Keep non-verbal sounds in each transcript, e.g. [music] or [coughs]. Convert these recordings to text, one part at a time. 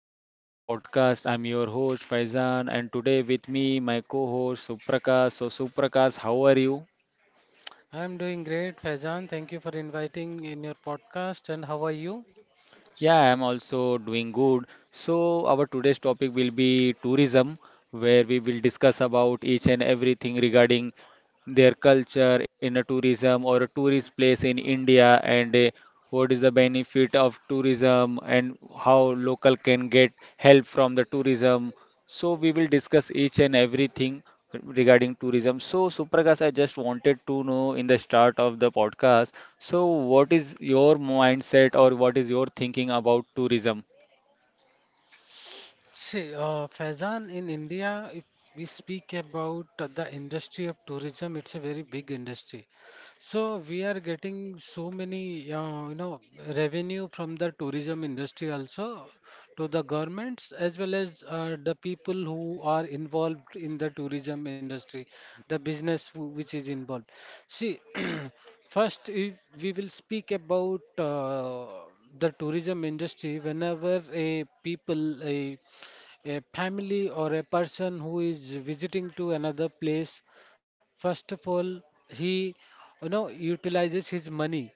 welcome to my podcast. I'm your host Faizan, and today with me my co-host Suprakash. So Suprakash, how are you? I'm doing great, Faizan. Thank you for inviting in your podcast. And how are you? Yeah, I'm also doing good. So our today's topic will be tourism, where we will discuss about each and everything regarding their culture in a tourism or a tourist place in India, and what is the benefit of tourism and how local can get help from the tourism. So we will discuss each and everything regarding tourism. So Suprakash, I just wanted to know in the start of the podcast. So what is your mindset or what is your thinking about tourism? See, Faizan, in India, if we speak about the industry of tourism, it's a very big industry. So we are getting so many, revenue from the tourism industry also to the governments as well as the people who are involved in the tourism industry, the business which is involved. See, first, if we will speak about the tourism industry. Whenever a people, a family or a person who is visiting to another place, first of all, he utilizes his money.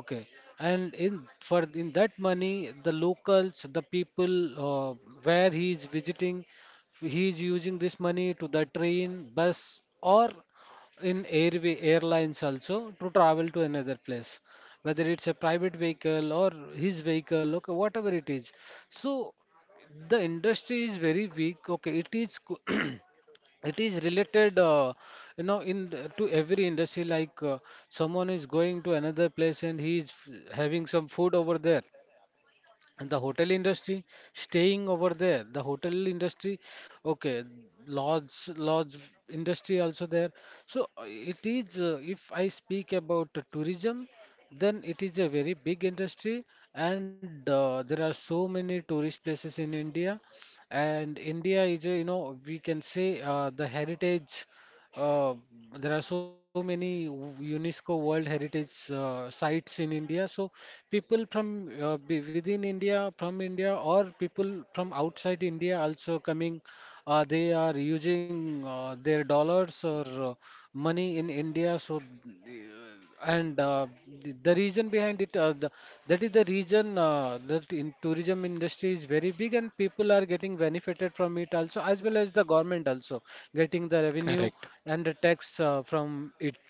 Okay, and in that money, the locals, the people uh, where he is visiting, he is using this money to the train, bus, or in airway airlines also to travel to another place, whether it's a private vehicle or his vehicle, okay, whatever it is. So the industry is very weak. Okay, it [clears throat] it is related, in to every industry. Like someone is going to another place and he is having some food over there. And the hotel industry, staying over there, the hotel industry, okay, lodge industry also there. So it is, if I speak about the tourism, then it is a very big industry, and there are so many tourist places in India. And India is, a, you know, we can say the heritage, uh, there are so many UNESCO World Heritage sites in India. So people from within India, from India, or people from outside India also coming. They are using their dollars or money in India. So and the reason behind it, that is the reason that in tourism industry is very big and people are getting benefited from it also, as well as the government also getting the revenue Correct. and the tax from it,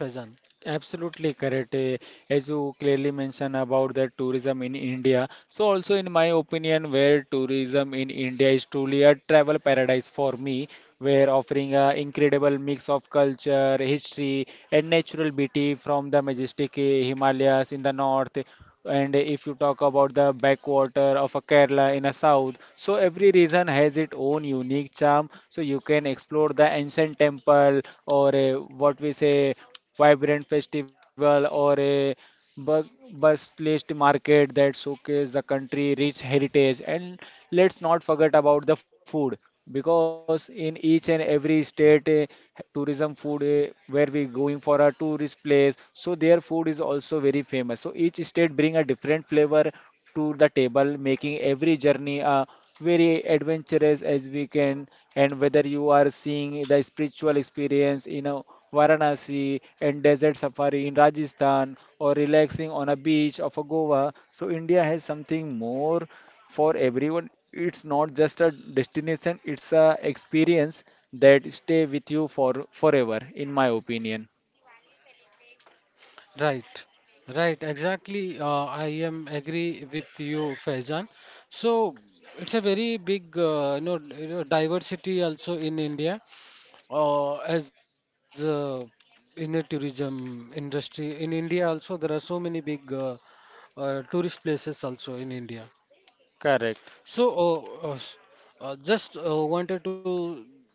Faizan. Absolutely correct. As you clearly mentioned about the tourism in India. So also in my opinion, where tourism in India is truly a travel paradise for me, where offering a incredible mix of culture, history, and natural beauty from the majestic Himalayas in the north, and if you talk about the backwater of a Kerala in a south, so every region has its own unique charm. So you can explore the ancient temple or a, what we say, vibrant festival or a bustling market that showcase the country rich heritage. And let's not forget about the food, because in each and every state, tourism food, where we going for a tourist place, so their food is also very famous, so each state bring a different flavor to the table, making every journey very adventurous as we can. And whether you are seeing the spiritual experience in a Varanasi, and desert safari in Rajasthan, or relaxing on a beach of a Goa, so India has something more for everyone. It's not just a destination, it's a experience that stay with you for forever, in my opinion. Right, right, exactly. I am agree with you, Faizan. So it's a very big, diversity also in India. As in the tourism industry in India also there are so many big tourist places also in India. Correct. So uh, uh, s- just wanted to,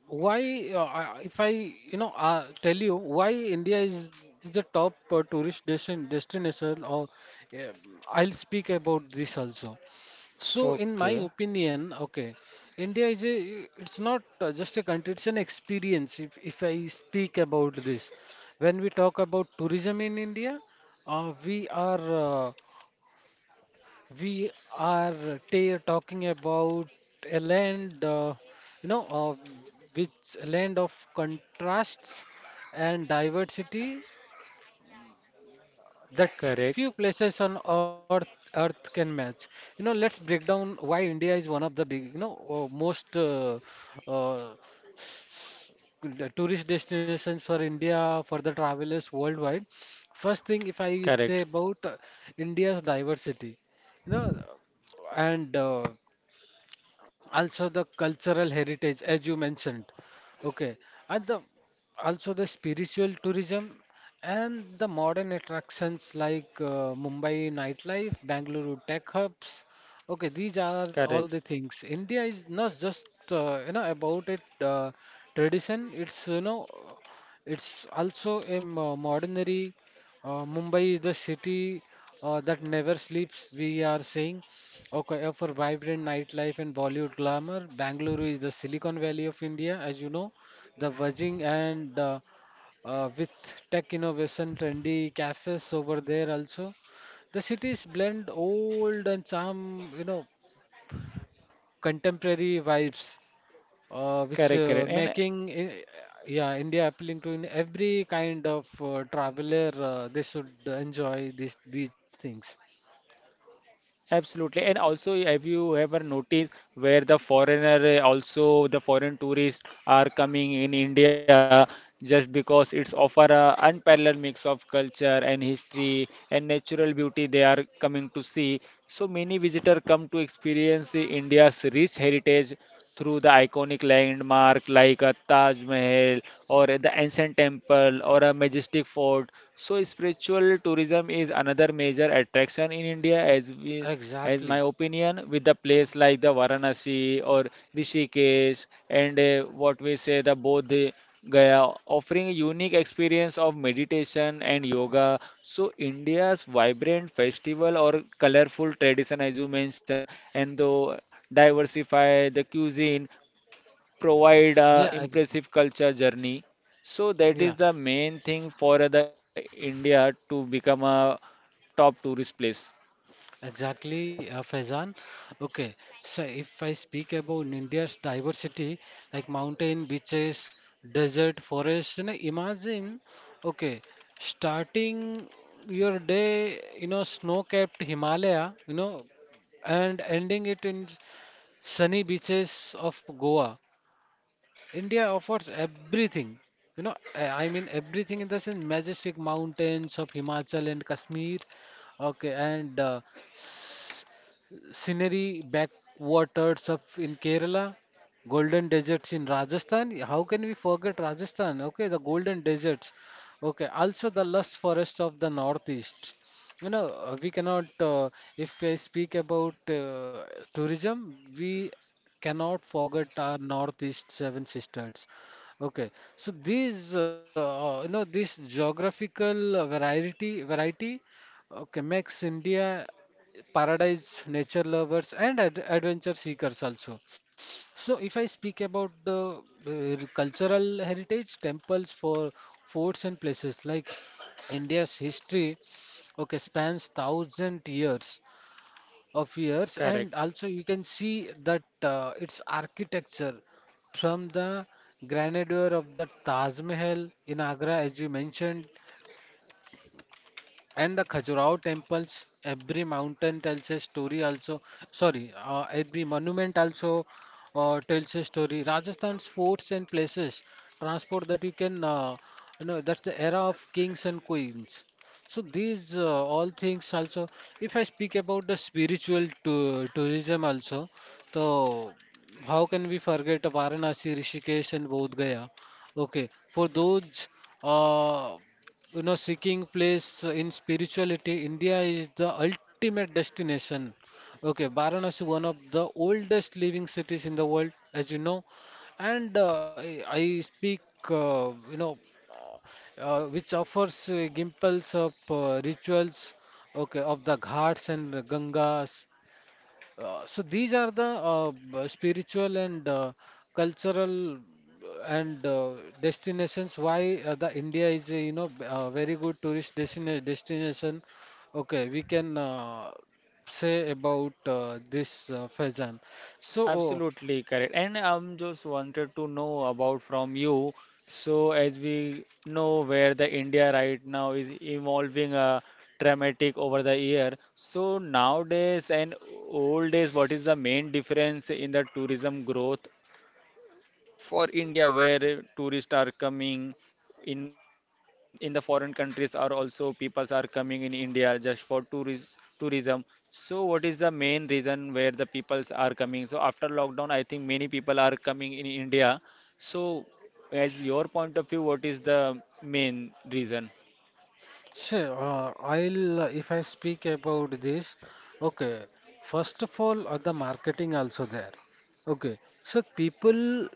why if I tell you why is the top tourist destination, or uh, I'll speak about this also. So, in my Okay. opinion, okay, India is a, it's not just a country, it's an experience. If I speak about this, when we talk about tourism in India, uh, we are, uh, we are ta talking about a land, you know, uh, which land of contrasts and diversity that Correct. Correct. few places on earth can match. You know, let's break down why India is one of the big, you know most uh, the tourist destinations for India for the travelers worldwide. First thing, if I Correct. say about India's diversity, you know and also the cultural heritage as you mentioned, okay, and the also the spiritual tourism and the modern attractions like Mumbai nightlife, Bangalore tech hubs. Okay, these are all the things. India is not just you know about it tradition, it's, it's also a modernary. Mumbai is the city that never sleeps, we are saying. Okay, for vibrant nightlife and Bollywood glamour, Bangalore is the Silicon Valley of India, as you know, the buzzing and with tech innovation, trendy cafes over there also. The cities blend old and some, you know, contemporary vibes, uh, which Correct, uh, correct, and making i- yeah, India appealing to in every kind of traveler. They should enjoy these things. absolutely. And also, have you ever noticed where the foreigner, also the foreign tourists are coming in India just because it's offer a unparalleled mix of culture and history and natural beauty they are coming to see. So many visitors come to experience India's rich heritage through the iconic landmark like a Taj Mahal or the ancient temple or a majestic fort. So spiritual tourism is another major attraction in India, as we, as my Exactly. opinion, with the place like the Varanasi or Rishikesh, and what we say the Bodh Gaya, offering a unique experience of meditation and yoga. So India's vibrant festival or colorful tradition, as you mentioned, and the diversify the cuisine, provide a Yeah. Ex impressive culture journey. So that yeah. is the main thing for the India to become a top tourist place. Exactly, Faizan. Okay, so if I speak about India's diversity, like mountain, beaches, desert, forest, you know, imagine, okay, starting your day, you know, snow-capped Himalaya, you know, and ending it in sunny beaches of Goa. India offers everything, you know, I mean everything in the sense majestic mountains of Himachal and Kashmir. Okay, and scenery, backwaters of in Kerala, golden deserts in Rajasthan. How can we forget Rajasthan? Okay, the golden deserts. Okay, also the lush forest of the northeast. You know, we cannot. If I speak about tourism, we cannot forget our northeast seven sisters. Okay, so these, this geographical variety, okay, makes India paradise nature lovers and ad adventure seekers also. So if I speak about the cultural heritage, temples for forts and places like India's history, okay, spans thousand years of years, and Correct. also you can see that its architecture from the grandeur of the Taj Mahal in Agra, as you mentioned, and the Khajuraho temples, every mountain tells a story also. Sorry, every monument also tells a story. Rajasthan's forts and places transport that you can, that's the era of kings and queens. So these all things also. If I speak about the spiritual tourism also, so how can we forget Varanasi, Rishikesh, and Bodh Gaya? Okay, for those. Uh, you know, seeking place in spirituality, India is the ultimate destination. Okay, Varanasi, one of the oldest living cities in the world, as you know. And I speak uh, you know uh, which offers gimples of rituals, okay, of the ghats and gangas. So these are the spiritual and cultural and destinations why the India is, very good tourist destination. Okay, we can say about this, Faizan. So oh, Absolutely correct. And I'm just wanted to know about from you. So as we know where the India right now is evolving dramatic over the year. So nowadays and old days, what is the main difference in the tourism growth for India where tourists are coming in the foreign countries are also peoples are coming in India just for tourism tourism. So what is the main reason where the peoples are coming? So after lockdown I think many people are coming in India. So as your point of view, what is the main reason? sure, I'll if I speak about this, okay. First of all, the marketing also there. Okay, so people,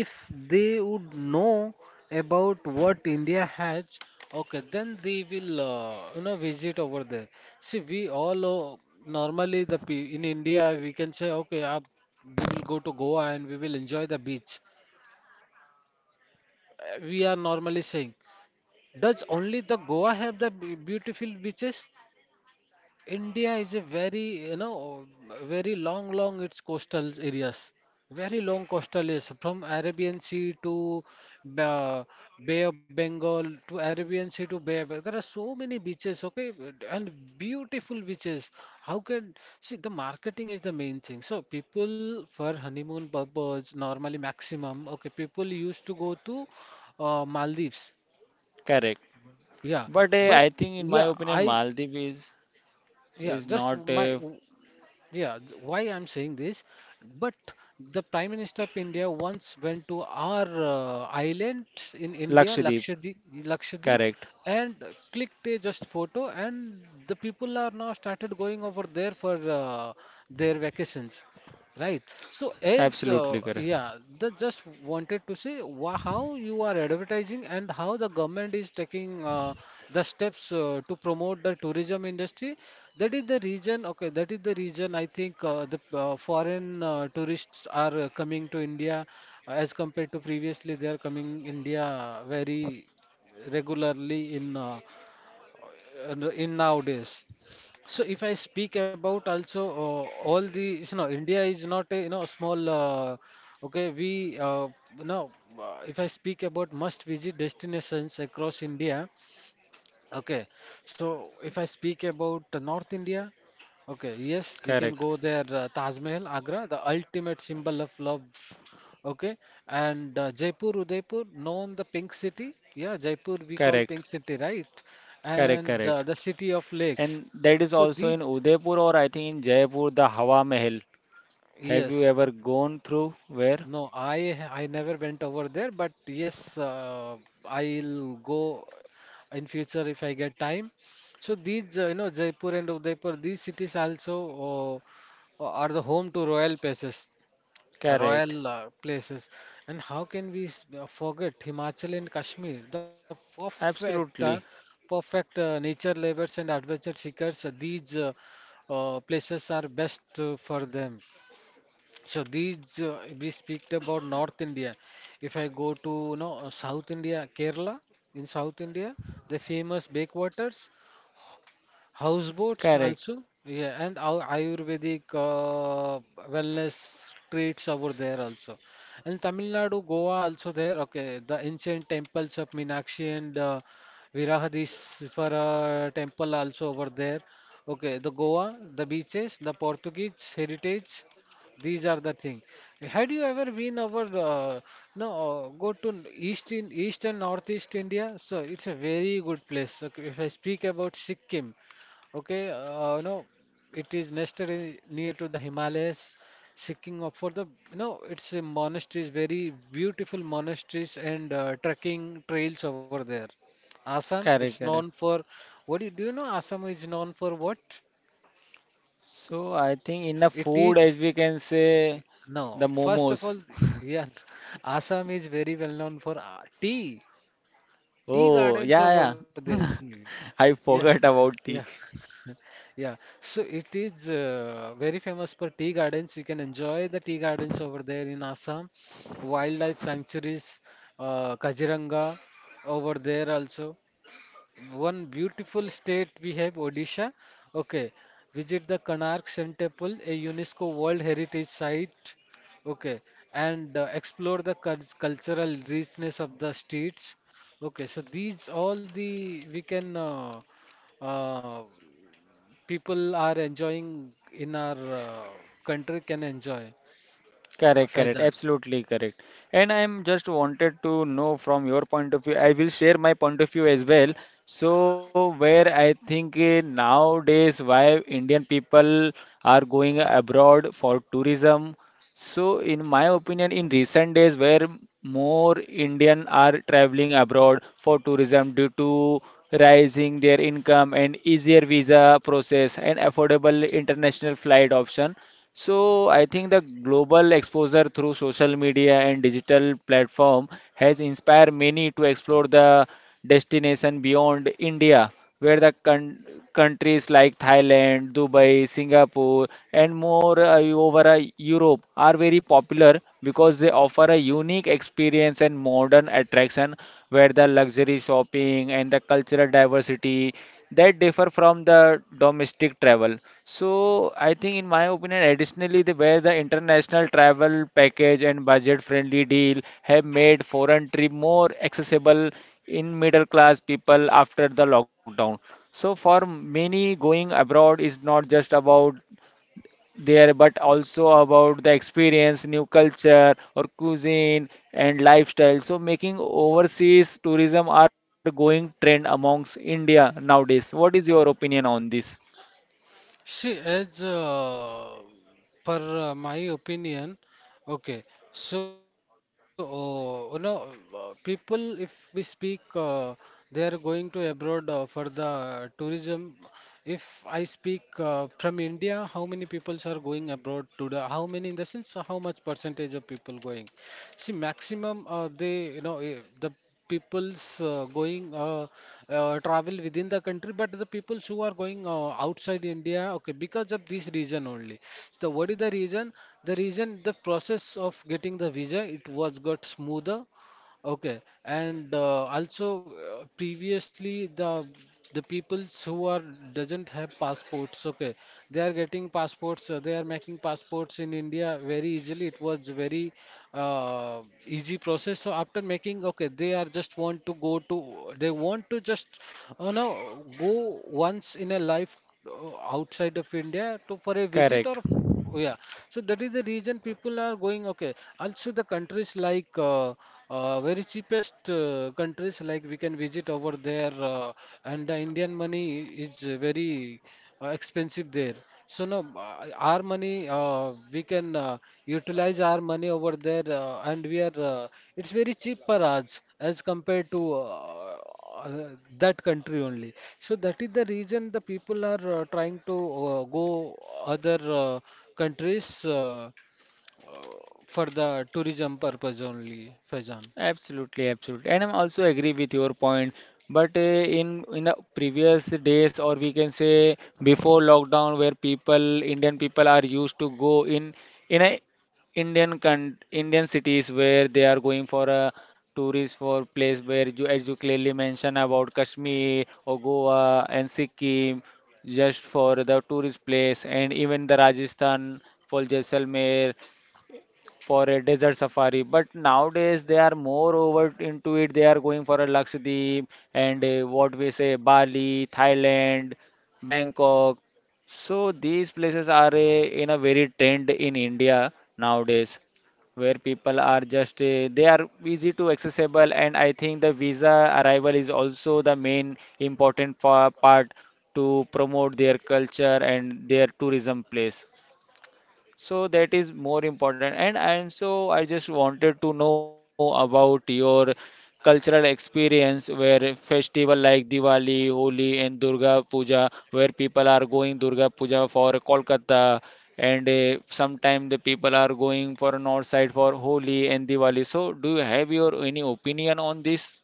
if they would know about what India has, okay, then they will visit over there. See, we all normally in India we can say, okay, we will go to Goa and we will enjoy the beach. We are normally saying, does only the Goa have the beautiful beaches? India is a very, you know, very long its coastal areas. Very long coastal areas from Arabian Sea to Ba Bay of Bengal to Arabian Sea to Bay of Bengal. There are so many beaches, okay, and beautiful beaches. How can, see, the marketing is the main thing. So people, for honeymoon purpose, normally maximum, okay, people used to go to Maldives. Correct, Yeah, but but I think in my yeah, opinion I Maldives yeah, is just not my, a yeah, why I'm saying this, but the Prime Minister of India once went to our islands in India, Lakshadweep. Lakshadweep, Lakshadweep, Correct, and clicked a just photo, and the people are now started going over there for their vacations. Right. So as absolutely correct. yeah, the, just wanted to say, wha, how you are advertising and how the government is taking the steps to promote the tourism industry. That is the reason. Okay, that is the reason I think the foreign tourists are coming to India as compared to previously, they are coming India very regularly in nowadays. So if I speak about also all the, you know, India is not a, you know, small okay, we you know if I speak about must visit destinations across India. Okay, so if I speak about North India, okay, yes, we can Correct, go there. Taj Mahal, Agra, the ultimate symbol of love. Okay, and Jaipur, Udaipur, known the Pink City. Yeah, Jaipur we call correct, Pink City, right? correct, And correct. the city of lakes. And that is So also in these, Udaipur or I think in Jaipur, the Hawa Mahal. Have you yes, ever gone through where? no, I never went over there, but yes, I'll go in future if I get time. So these, Jaipur and Udaipur, these cities also are the home to royal places, Correct. royal places. And how can we forget Himachal and Kashmir, the Absolutely. perfect nature lovers and adventure seekers? These places are best for them. So these, we speak about North India. If I go to, you know, South India, Kerala in South India, the famous backwaters. Houseboats Correct. also, yeah, and our Ayurvedic wellness treats over there also. And Tamil Nadu, Goa also there. Okay, the ancient temples of Meenakshi and Virahadisvara temple also over there. Okay, the Goa, the beaches, the Portuguese heritage, these are the thing. Had you ever been over no go to east and northeast India? So it's a very good place. Okay, if I speak about Sikkim. Okay, it is nested in, near to the Himalayas, seeking up for the it's a monasteries, very beautiful monasteries and trekking trails over there. Assam, it's Correct. known Correct. What do do you know Assam is known for what? So I think in the It food, as is, we can say, no, the first of momos. all, [laughs] yeah, [laughs] Assam is very well known for tea, tea Oh, gardens over yeah, there. yeah. See. [laughs] Yeah, I forgot yeah. about tea. Yeah, so it is very famous for tea gardens. You can enjoy the tea gardens over there in Assam, wildlife sanctuaries, Kaziranga over there also. One beautiful state we have, Odisha. Okay, visit the Konark Sun Temple, a UNESCO World Heritage Site. Okay, and explore the cultural richness of the streets. Okay, so these all the we can uh, people are enjoying in our country can enjoy Correct, correct, Faizan. absolutely correct. And I'm just wanted to know from your point of view. I will share my point of view as well. So where I think nowadays why Indian people are going abroad for tourism. So in my opinion, in recent days where more Indian are traveling abroad for tourism due to rising their income and easier visa process and affordable international flight option. So I think the global exposure through social media and digital platform has inspired many to explore the destination beyond India, where the con countries like Thailand, Dubai, Singapore, and more over Europe are very popular because they offer a unique experience and modern attraction, where the luxury shopping and the cultural diversity that differ from the domestic travel. So I think in my opinion, additionally, where the international travel package and budget-friendly deal have made foreign trip more accessible in middle-class people after the lockdown. So for many, going abroad is not just about there, but also about the experience, new culture or cuisine and lifestyle. So making overseas tourism are going trend amongst India nowadays. What is your opinion on this? See, as per my opinion, okay, so uh, you know, people, if we speak, they are going to abroad for the tourism. If I speak from India, how many peoples are going abroad to the, how many in the sense, how much percentage of people going? See, maximum they you know the people's going travel within the country, but the peoples who are going outside India, okay, because of this reason only. So what is the reason? The reason the process of getting the visa it was got smoother. Okay, and also previously the peoples who are doesn't have passports, okay, they are getting passports. They are making passports in India very easily. It was very uh, easy process. So after making, okay, they are just want to go to they want to just you know go once in a life outside of India to for a visit or Correct. Yeah. So that is the reason people are going. Okay, also the countries like. Very cheapest countries like we can visit over there, and the Indian money is very expensive there. So no, our money we can utilize our money over there, and we are it's very cheap for us as compared to uh, that country only. So that is the reason the people are trying to go other countries uh, for the tourism purpose only, Faizan. Absolutely, absolutely, and I'm also agree with your point. But in the previous days, or we can say before lockdown, where people Indian people are used to go in a Indian cities where they are going for a tourist for place where you as you clearly mentioned about Kashmir or Goa and Sikkim just for the tourist place, and even the Rajasthan for Jaisalmer for a desert safari. But nowadays they are more over into it. They are going for a Lakshadweep and what we say Bali, Thailand, Bangkok. So these places are in a very trend in India nowadays where people are just they are easy to accessible, and I think the visa arrival is also the main important part to promote their culture and their tourism place. So that is more important. And so I just wanted to know about your cultural experience where festival like Diwali, Holi and Durga Puja, where people are going Durga Puja for Kolkata and sometime the people are going for north side for Holi and Diwali. So do you have your any opinion on this?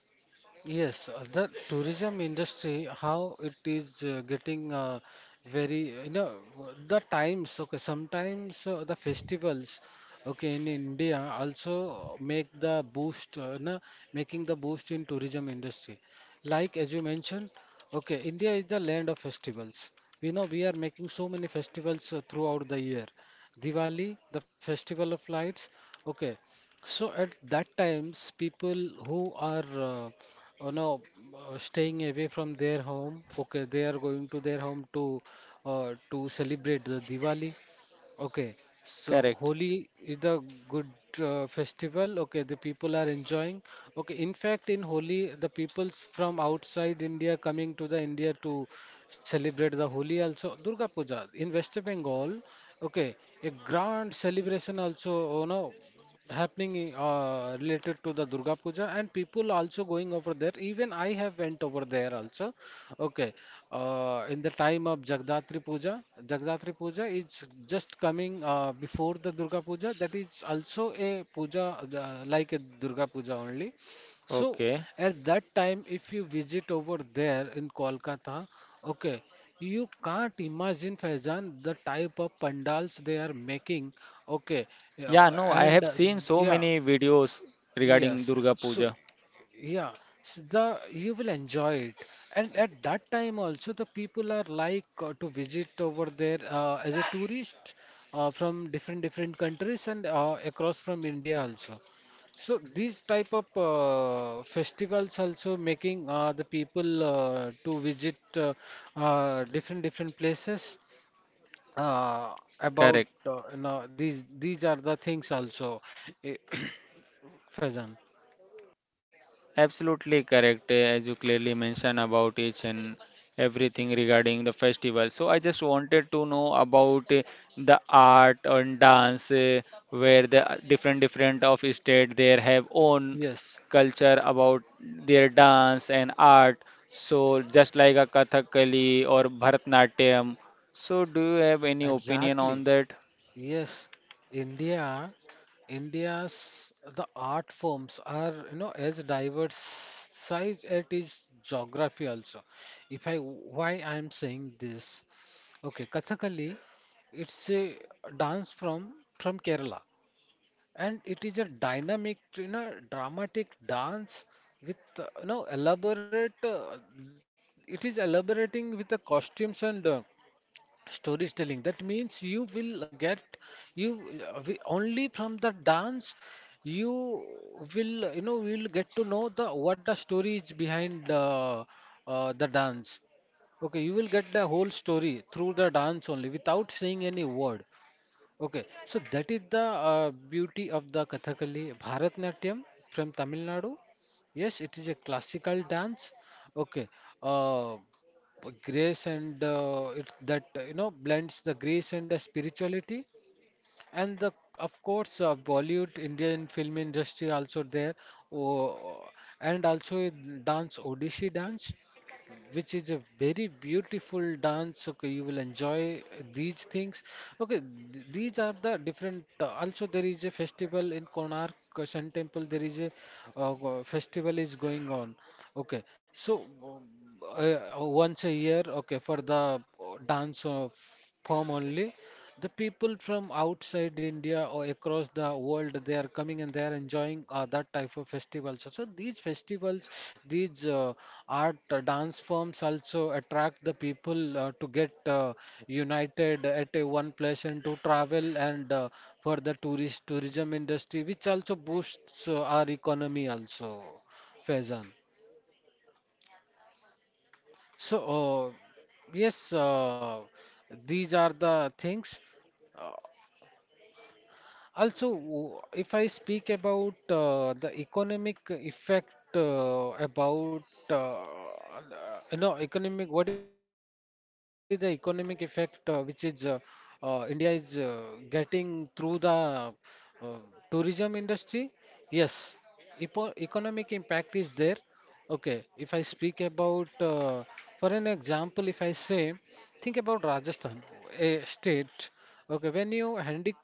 Yes, the tourism industry, how it is getting very, you know, the times, okay, sometimes the festivals, okay, in India also make the boost, na, making the boost in tourism industry. Like as you mentioned, okay, India is the land of festivals. We know we are making so many festivals throughout the year. Diwali, the festival of lights, okay. So at that times, people who are Oh no, staying away from their home. Okay, they are going to their home to celebrate the Diwali. Okay, so Correct. Holi is the good festival. Okay, the people are enjoying. Okay, in fact, in Holi, the peoples from outside India coming to the India to celebrate the Holi also. Durga Puja in West Bengal. Okay, a grand celebration also. Oh no, happening related to the Durga Puja and people also going over there. Even I have went over there also. Okay, in the time of Jagdatri Puja, Jagdatri Puja is just coming before the Durga Puja. That is also a puja like a Durga Puja only. So Okay. at that time, if you visit over there in Kolkata, okay, you can't imagine Faizan the type of pandals they are making, okay, Yeah, yeah, no, I have and seen so yeah. many videos regarding Yes. Durga So, Puja. yeah, the you will enjoy it, and at that time also the people are like to visit over there as a tourist from different different countries and across from India also. So these type of festivals also making the people to visit different different places about Correct. You know these are the things also, eh, [coughs] [clears throat] Faizan. Absolutely correct, as you clearly mentioned about each and everything regarding the festival. So I just wanted to know about the art and dance, where the different different of state there have own Yes, culture about their dance and art. So just like a Kathakali or Bharatnatyam. So do you have any opinion on exactly. that? Yes, India, India's the art forms are you know as diverse as it is geography also. If I why I am saying this, okay, Kathakali, it's a dance from Kerala, and it is a dynamic, you know, dramatic dance with you know elaborate. It is elaborating with the costumes and storytelling. That means you will get only from the dance you will you know will get to know the what the story is behind the dance, okay, you will get the whole story through the dance only without saying any word. Okay, so that is the beauty of the Kathakali. Bharatnatyam from Tamil Nadu. Yes, it is a classical dance. Okay, uh, grace and it that you know blends the grace and the spirituality. And the, of course, Bollywood, Indian film industry also there, oh, and also dance, Odissi dance, which is a very beautiful dance. Okay, you will enjoy these things. Okay, these are the different. Also, there is a festival in Konark Sun Temple. There is a festival is going on. Okay, so once a year. Okay, for the dance of form only. The people from outside India or across the world, they are coming and they are enjoying that type of festivals. So so these festivals, these art dance forms also attract the people to get united at a one place and to travel and for the tourist tourism industry, which also boosts our economy also, Faizan. So yes, these are the things. Uh, Also, if I speak about the economic effect about you know economic what is the economic effect which is India is getting through the uh, tourism industry? Yes, Epo economic impact is there. Okay, if I speak about, for an example, if I say think about Rajasthan, a state. Okay, when you handy,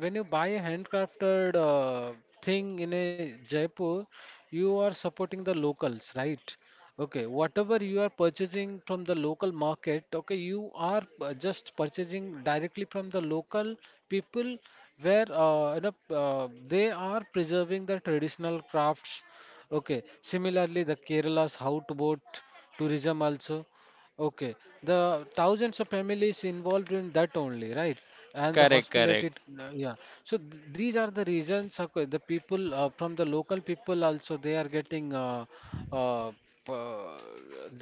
when you buy a handcrafted thing in a Jaipur, you are supporting the locals, right? Okay, whatever you are purchasing from the local market, okay, you are just purchasing directly from the local people, where you know they are preserving the traditional crafts. Okay, similarly, the Kerala's houseboat tourism also. Okay, the thousands of families involved in that only, right? And the Correct, hospitality, correct. Yeah. So th these are the reasons, okay, the people from the local people also they are getting uh, p- uh,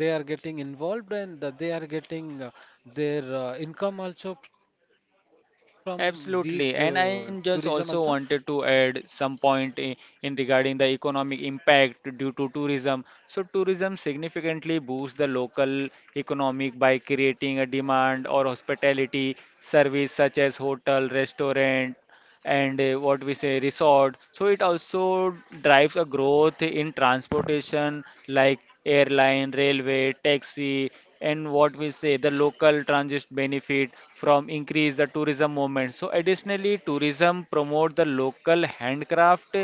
they are getting involved and they are getting their income also from these Absolutely, tourism and I also. am just also wanted to add some point in regarding the economic impact due to tourism. So tourism significantly boosts the local economic by creating a demand or hospitality service such as hotel, restaurant, and what we say resort. So it also drives a growth in transportation like airline, railway, taxi, and what we say the local transit benefit from increase the tourism movement. So additionally, tourism promote the local handcraft,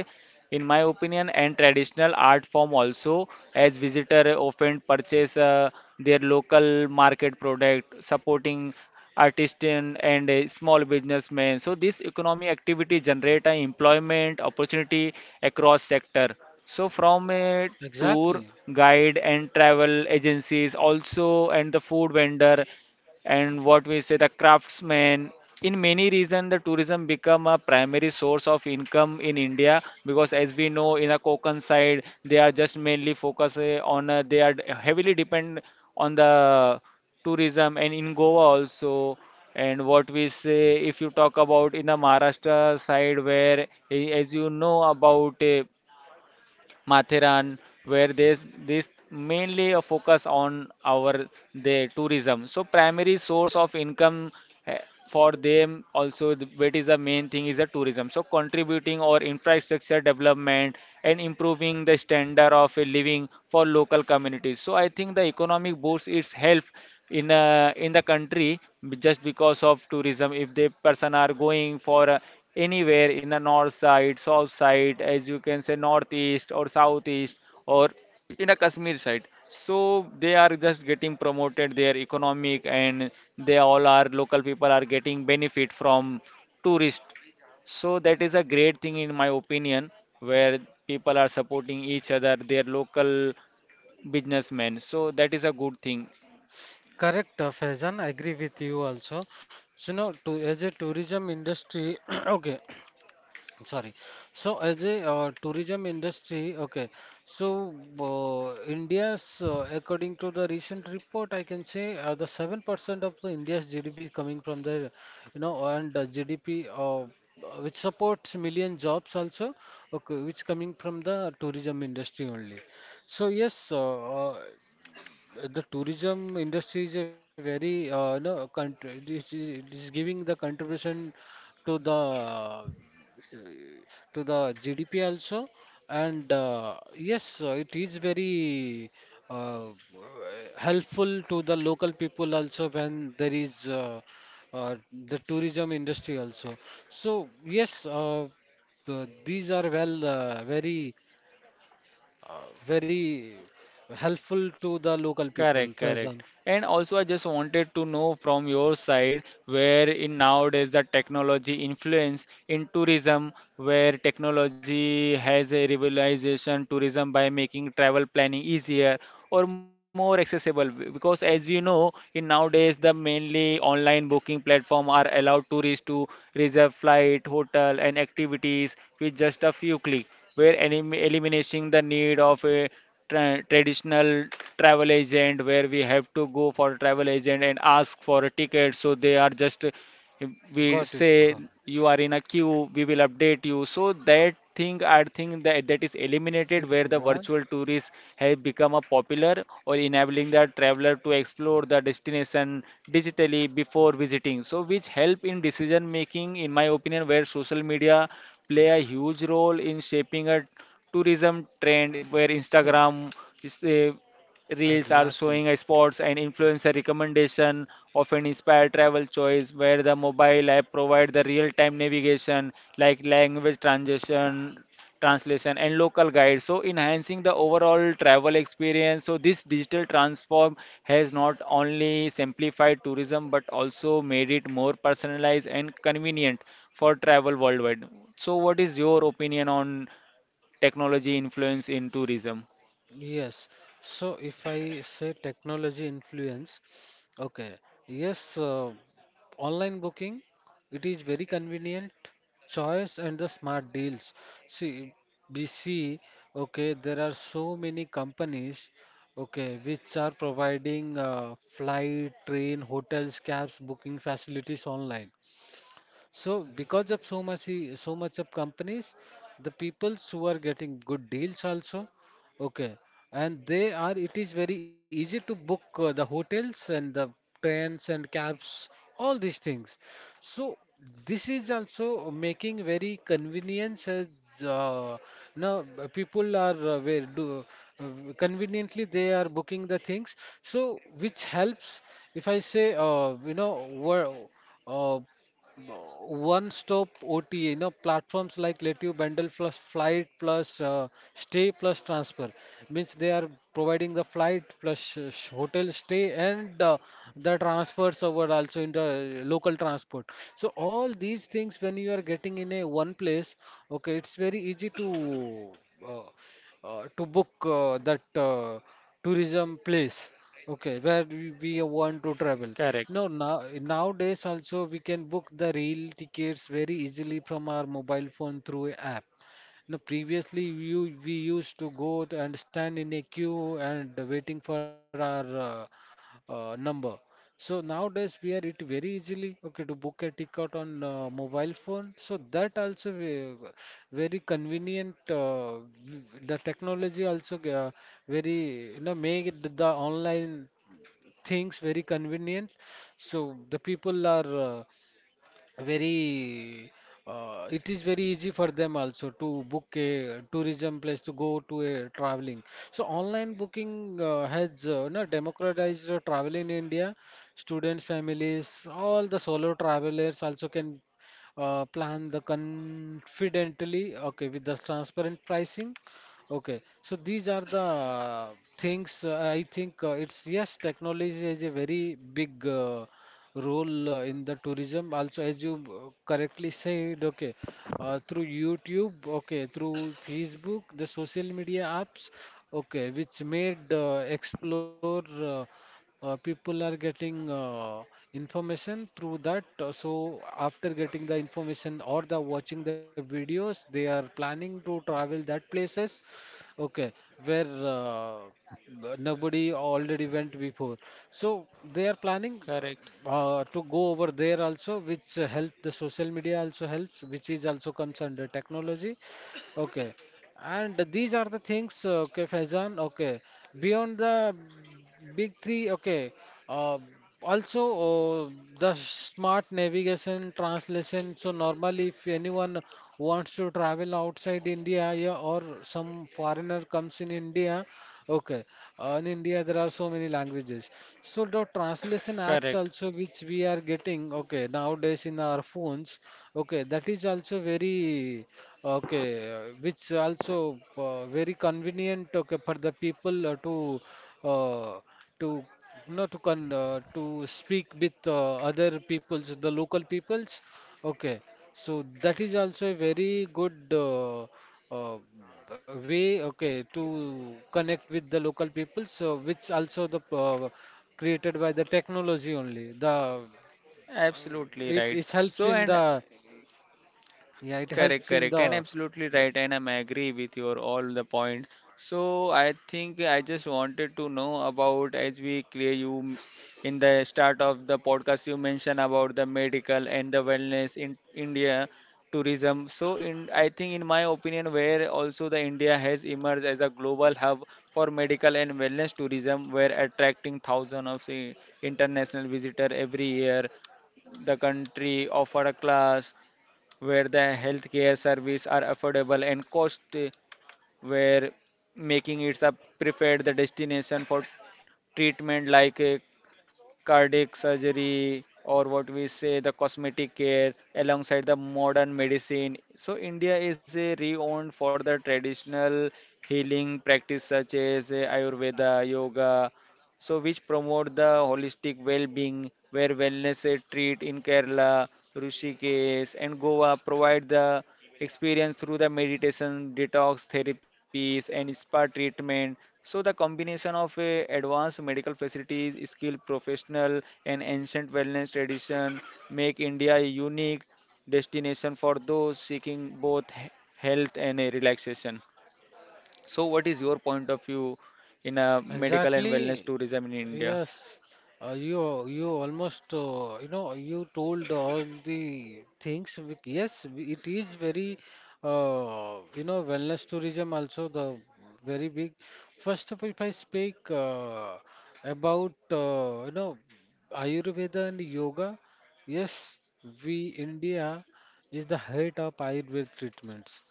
in my opinion, and traditional art form also, as visitor often purchase their local market product, supporting artisan and a small businessmen. So this economic activity generate a employment opportunity across sector. So from a tour Exactly. guide and travel agencies also, and the food vendor, and what we say the craftsmen, in many regions the tourism become a primary source of income in India, because as we know in the Konkan side they are just mainly focus on they are heavily depend on the tourism, and in Goa also. And what we say if you talk about in the Maharashtra side where, as you know about Matheran, where there's this mainly a focus on our the tourism. So primary source of income, eh, for them also, what is the main thing is the tourism. So contributing or infrastructure development and improving the standard of a living for local communities. So I think the economic boost its help in the country, just because of tourism, if the person are going for a anywhere in the north side, south side, as you can say northeast or southeast or in a Kashmir side. So they are just getting promoted their economic, and they all are local people are getting benefit from tourist. So that is a great thing in my opinion, where people are supporting each other, their local businessmen. So that is a good thing. Correct, Faizan. I agree with you also. So, no, to, as a tourism industry, [clears throat] okay. I'm sorry. So, as a tourism industry, okay. So, India's, according to the recent report, I can say the 7% of the India's GDP is coming from the, you know, and GDP which supports million jobs also, okay, which coming from the tourism industry only. So, yes, the tourism industry is a very no country this is, it is giving the contribution to the uh, to the GDP also and yes it is very uh, helpful to the local people also when there is the tourism industry also, so yes the, these are well very very helpful to the local people, Correct, Faizan. correct. And also, I just wanted to know from your side where in nowadays the technology influence in tourism, where technology has a revolutionization tourism by making travel planning easier or more accessible. Because as we know, in nowadays the mainly online booking platform are allowed tourists to reserve flight, hotel, and activities with just a few click, where eliminating the need of a traditional travel agent where we have to go for travel agent and ask for a ticket. So they are just, if we Got it, say, got you are in a queue, we will update you. So that thing, I think that is it. eliminated, where It the was, virtual tourists have become a popular or enabling the traveler to explore the destination digitally before visiting. So which help in decision making, in my opinion, where social media play a huge role in shaping a tourism trend, where see, Instagram is, Reels are exactly. showing a spots and influencer recommendation often inspire travel choice, where the mobile app provide the real-time navigation like language transition, translation and local guide. So enhancing the overall travel experience. So this digital transform has not only simplified tourism but also made it more personalized and convenient for travel worldwide. So what is your opinion on technology influence in tourism? Yes. So if I say technology influence, okay. Yes, online booking, it is very convenient choice and the smart deals. See, we see, okay, there are so many companies, okay, which are providing flight, train, hotels, cabs, booking facilities online. So because of so much so much of companies, the peoples who are getting good deals also, okay, and they are it is very easy to book the hotels and the trains and cabs, all these things. So this is also making very convenience as uh, now people are where do uh, conveniently they are booking the things. So which helps if I say you know uh, one stop OTA, you know, platforms like let you bundle plus flight plus stay plus transfer means they are providing the flight plus hotel stay and the transfers over also in the local transport. So all these things when you are getting in a one place, okay, it's very easy uh, to book that tourism place, okay, where we want to travel. Correct, No Now nowadays also we can book the rail tickets very easily from our mobile phone through app. Now previously you we used to go and stand in a queue and waiting for our number. So nowadays we are it very easily, okay, to book a ticket on mobile phone. So that also very convenient. The technology also very, you know, make it the online things very convenient. So the people are very, it is very easy for them also to book a tourism place to go to a traveling. So online booking has no, democratized travel in india. Students, families, all the solo travelers also can plan the confidently, okay, with the transparent pricing. Okay, so these are the things. I think it's yes, technology is a very big role in the tourism also, as you correctly said. Okay, through YouTube, okay, through Facebook, the social media apps, okay, which made explore people are getting information through that. So after getting the information or the watching the videos, they are planning to travel that places. Okay, where nobody already went before. So they are planning correct. To go over there also, which help, the social media also helps, which is also comes under technology. Okay, and these are the things, okay, Faizan, okay. Beyond the big three, okay. Uh, also, uh, the smart navigation, translation. So normally, if anyone wants to travel outside India, yeah, or some foreigner comes in India. Okay, in India there are so many languages. So the translation apps Correct. also which we are getting, okay, nowadays in our phones. Okay, that is also very, okay, which also very convenient, okay, for the people uh, to you know, to con to speak with other peoples, the local peoples. Okay, so that is also a very good uh, way, okay, to connect with the local people. So which also the created by the technology only. The Absolutely it, right. it So helps in and the yeah, it correct, helps in correct, and the absolutely right, and I'm agree with your all the point. So I think I just wanted to know about, as we clear you in the start of the podcast you mentioned about the medical and the wellness in India tourism. So in I think in my opinion where also the India has emerged as a global hub for medical and wellness tourism, where attracting thousands of say, international visitor every year. The country offer a class where the healthcare service are affordable and cost, where making it a preferred destination for treatment like a cardiac surgery or what we say the cosmetic care alongside the modern medicine. So India is a renowned for the traditional healing practice such as Ayurveda, yoga, so which promote the holistic well-being, where wellness treat in Kerala, Rishikesh and Goa provide the experience through the meditation, detox therapies, and spa treatment. So the combination of a advanced medical facilities, skilled professional, and ancient wellness tradition make India a unique destination for those seeking both health and a relaxation. So what is your point of view in a medical and exactly. wellness tourism in India? Yes. You almost, you know, you told all the things. Yes, it is very, you know, wellness tourism also the very big. First of all, if I speak about, you know, Ayurveda and yoga, yes, we India is the head of Ayurveda treatments.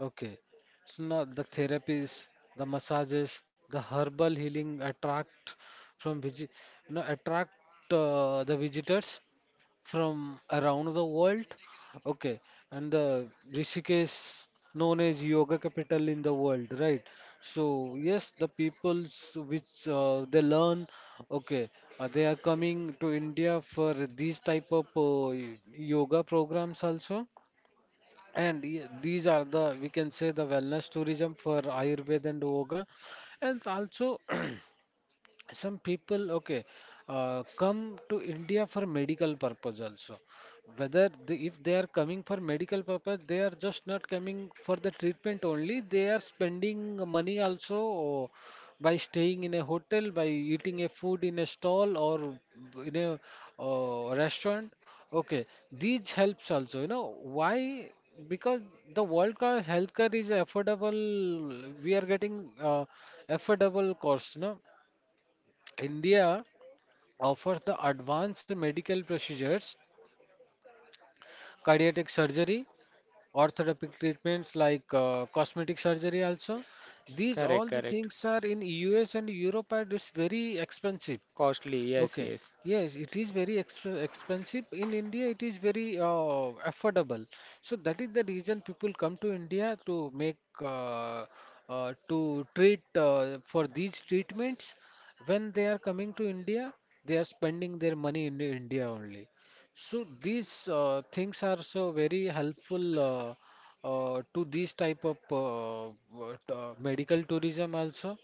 Okay, so now the therapies, the massages, the herbal healing attract from visit, you know, attract the visitors from around the world. Okay, and the Rishikesh known as yoga capital in the world, right? So yes, the peoples which they learn, okay, they are coming to India for these type of yoga programs also. And yeah, these are the, we can say, the wellness tourism for Ayurveda and Yoga. And also, [clears throat] some people, okay, come to India for medical purpose also. If they are coming for medical purpose, they are just not coming for the treatment only, they are spending money also, by staying in a hotel, by eating a food in a stall or in a restaurant, okay. These helps also, you know, why? Because the world class healthcare is affordable, we are getting affordable cost, no. India offers the advanced medical procedures, cardiac surgery, orthopedic treatments like cosmetic surgery also. These all Correct, the correct. things are in US and Europe and it's very expensive. Costly, yes, Okay. yes, Yes, it is very expensive. In India, it is very affordable. So that is the reason people come to India to make uh, to treat for these treatments. When they are coming to India, they are spending their money in India only. So these things are so very helpful to these type of what, medical tourism also.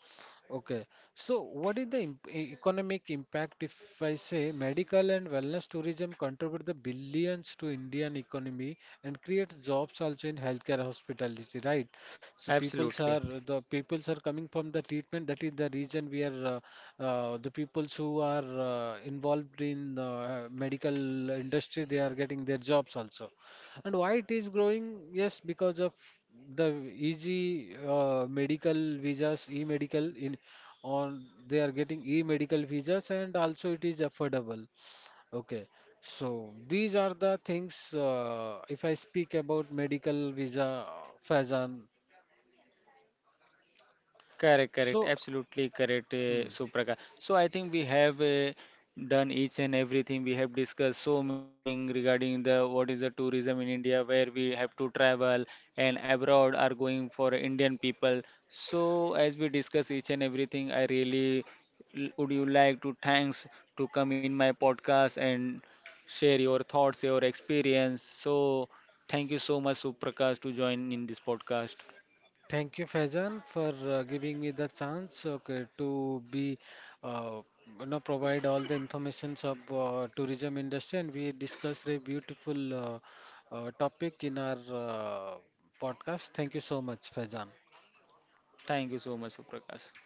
Okay, so what is the economic impact, if I say medical and wellness tourism contribute the billions to Indian economy and create jobs also in healthcare hospitality, right? So absolutely. Peoples are coming from the treatment. That is the reason we are, the peoples who are involved in the medical industry, they are getting their jobs also. And why it is growing? Yes, because of the easy medical visas, e-medical in on they are getting e-medical visas, and also it is affordable. Okay, so these are the things. If I speak about medical visa, Faizan. Correct, So, correct, absolutely correct, hmm. Supraka. So I think we have done each and everything. We have discussed so many things regarding the what is the tourism in India, where we have to travel and abroad are going for Indian people. So as we discuss each and everything, I really would you like to thanks to come in my podcast and share your thoughts, your experience. So thank you so much, Suprakash, to join in this podcast. Thank you, Faizan, for giving me the chance, okay, to be, uh, you know, provide all the informations of tourism industry, and we discussed a beautiful topic in our podcast. Thank you so much, Faizan. Thank you so much, Suprakash.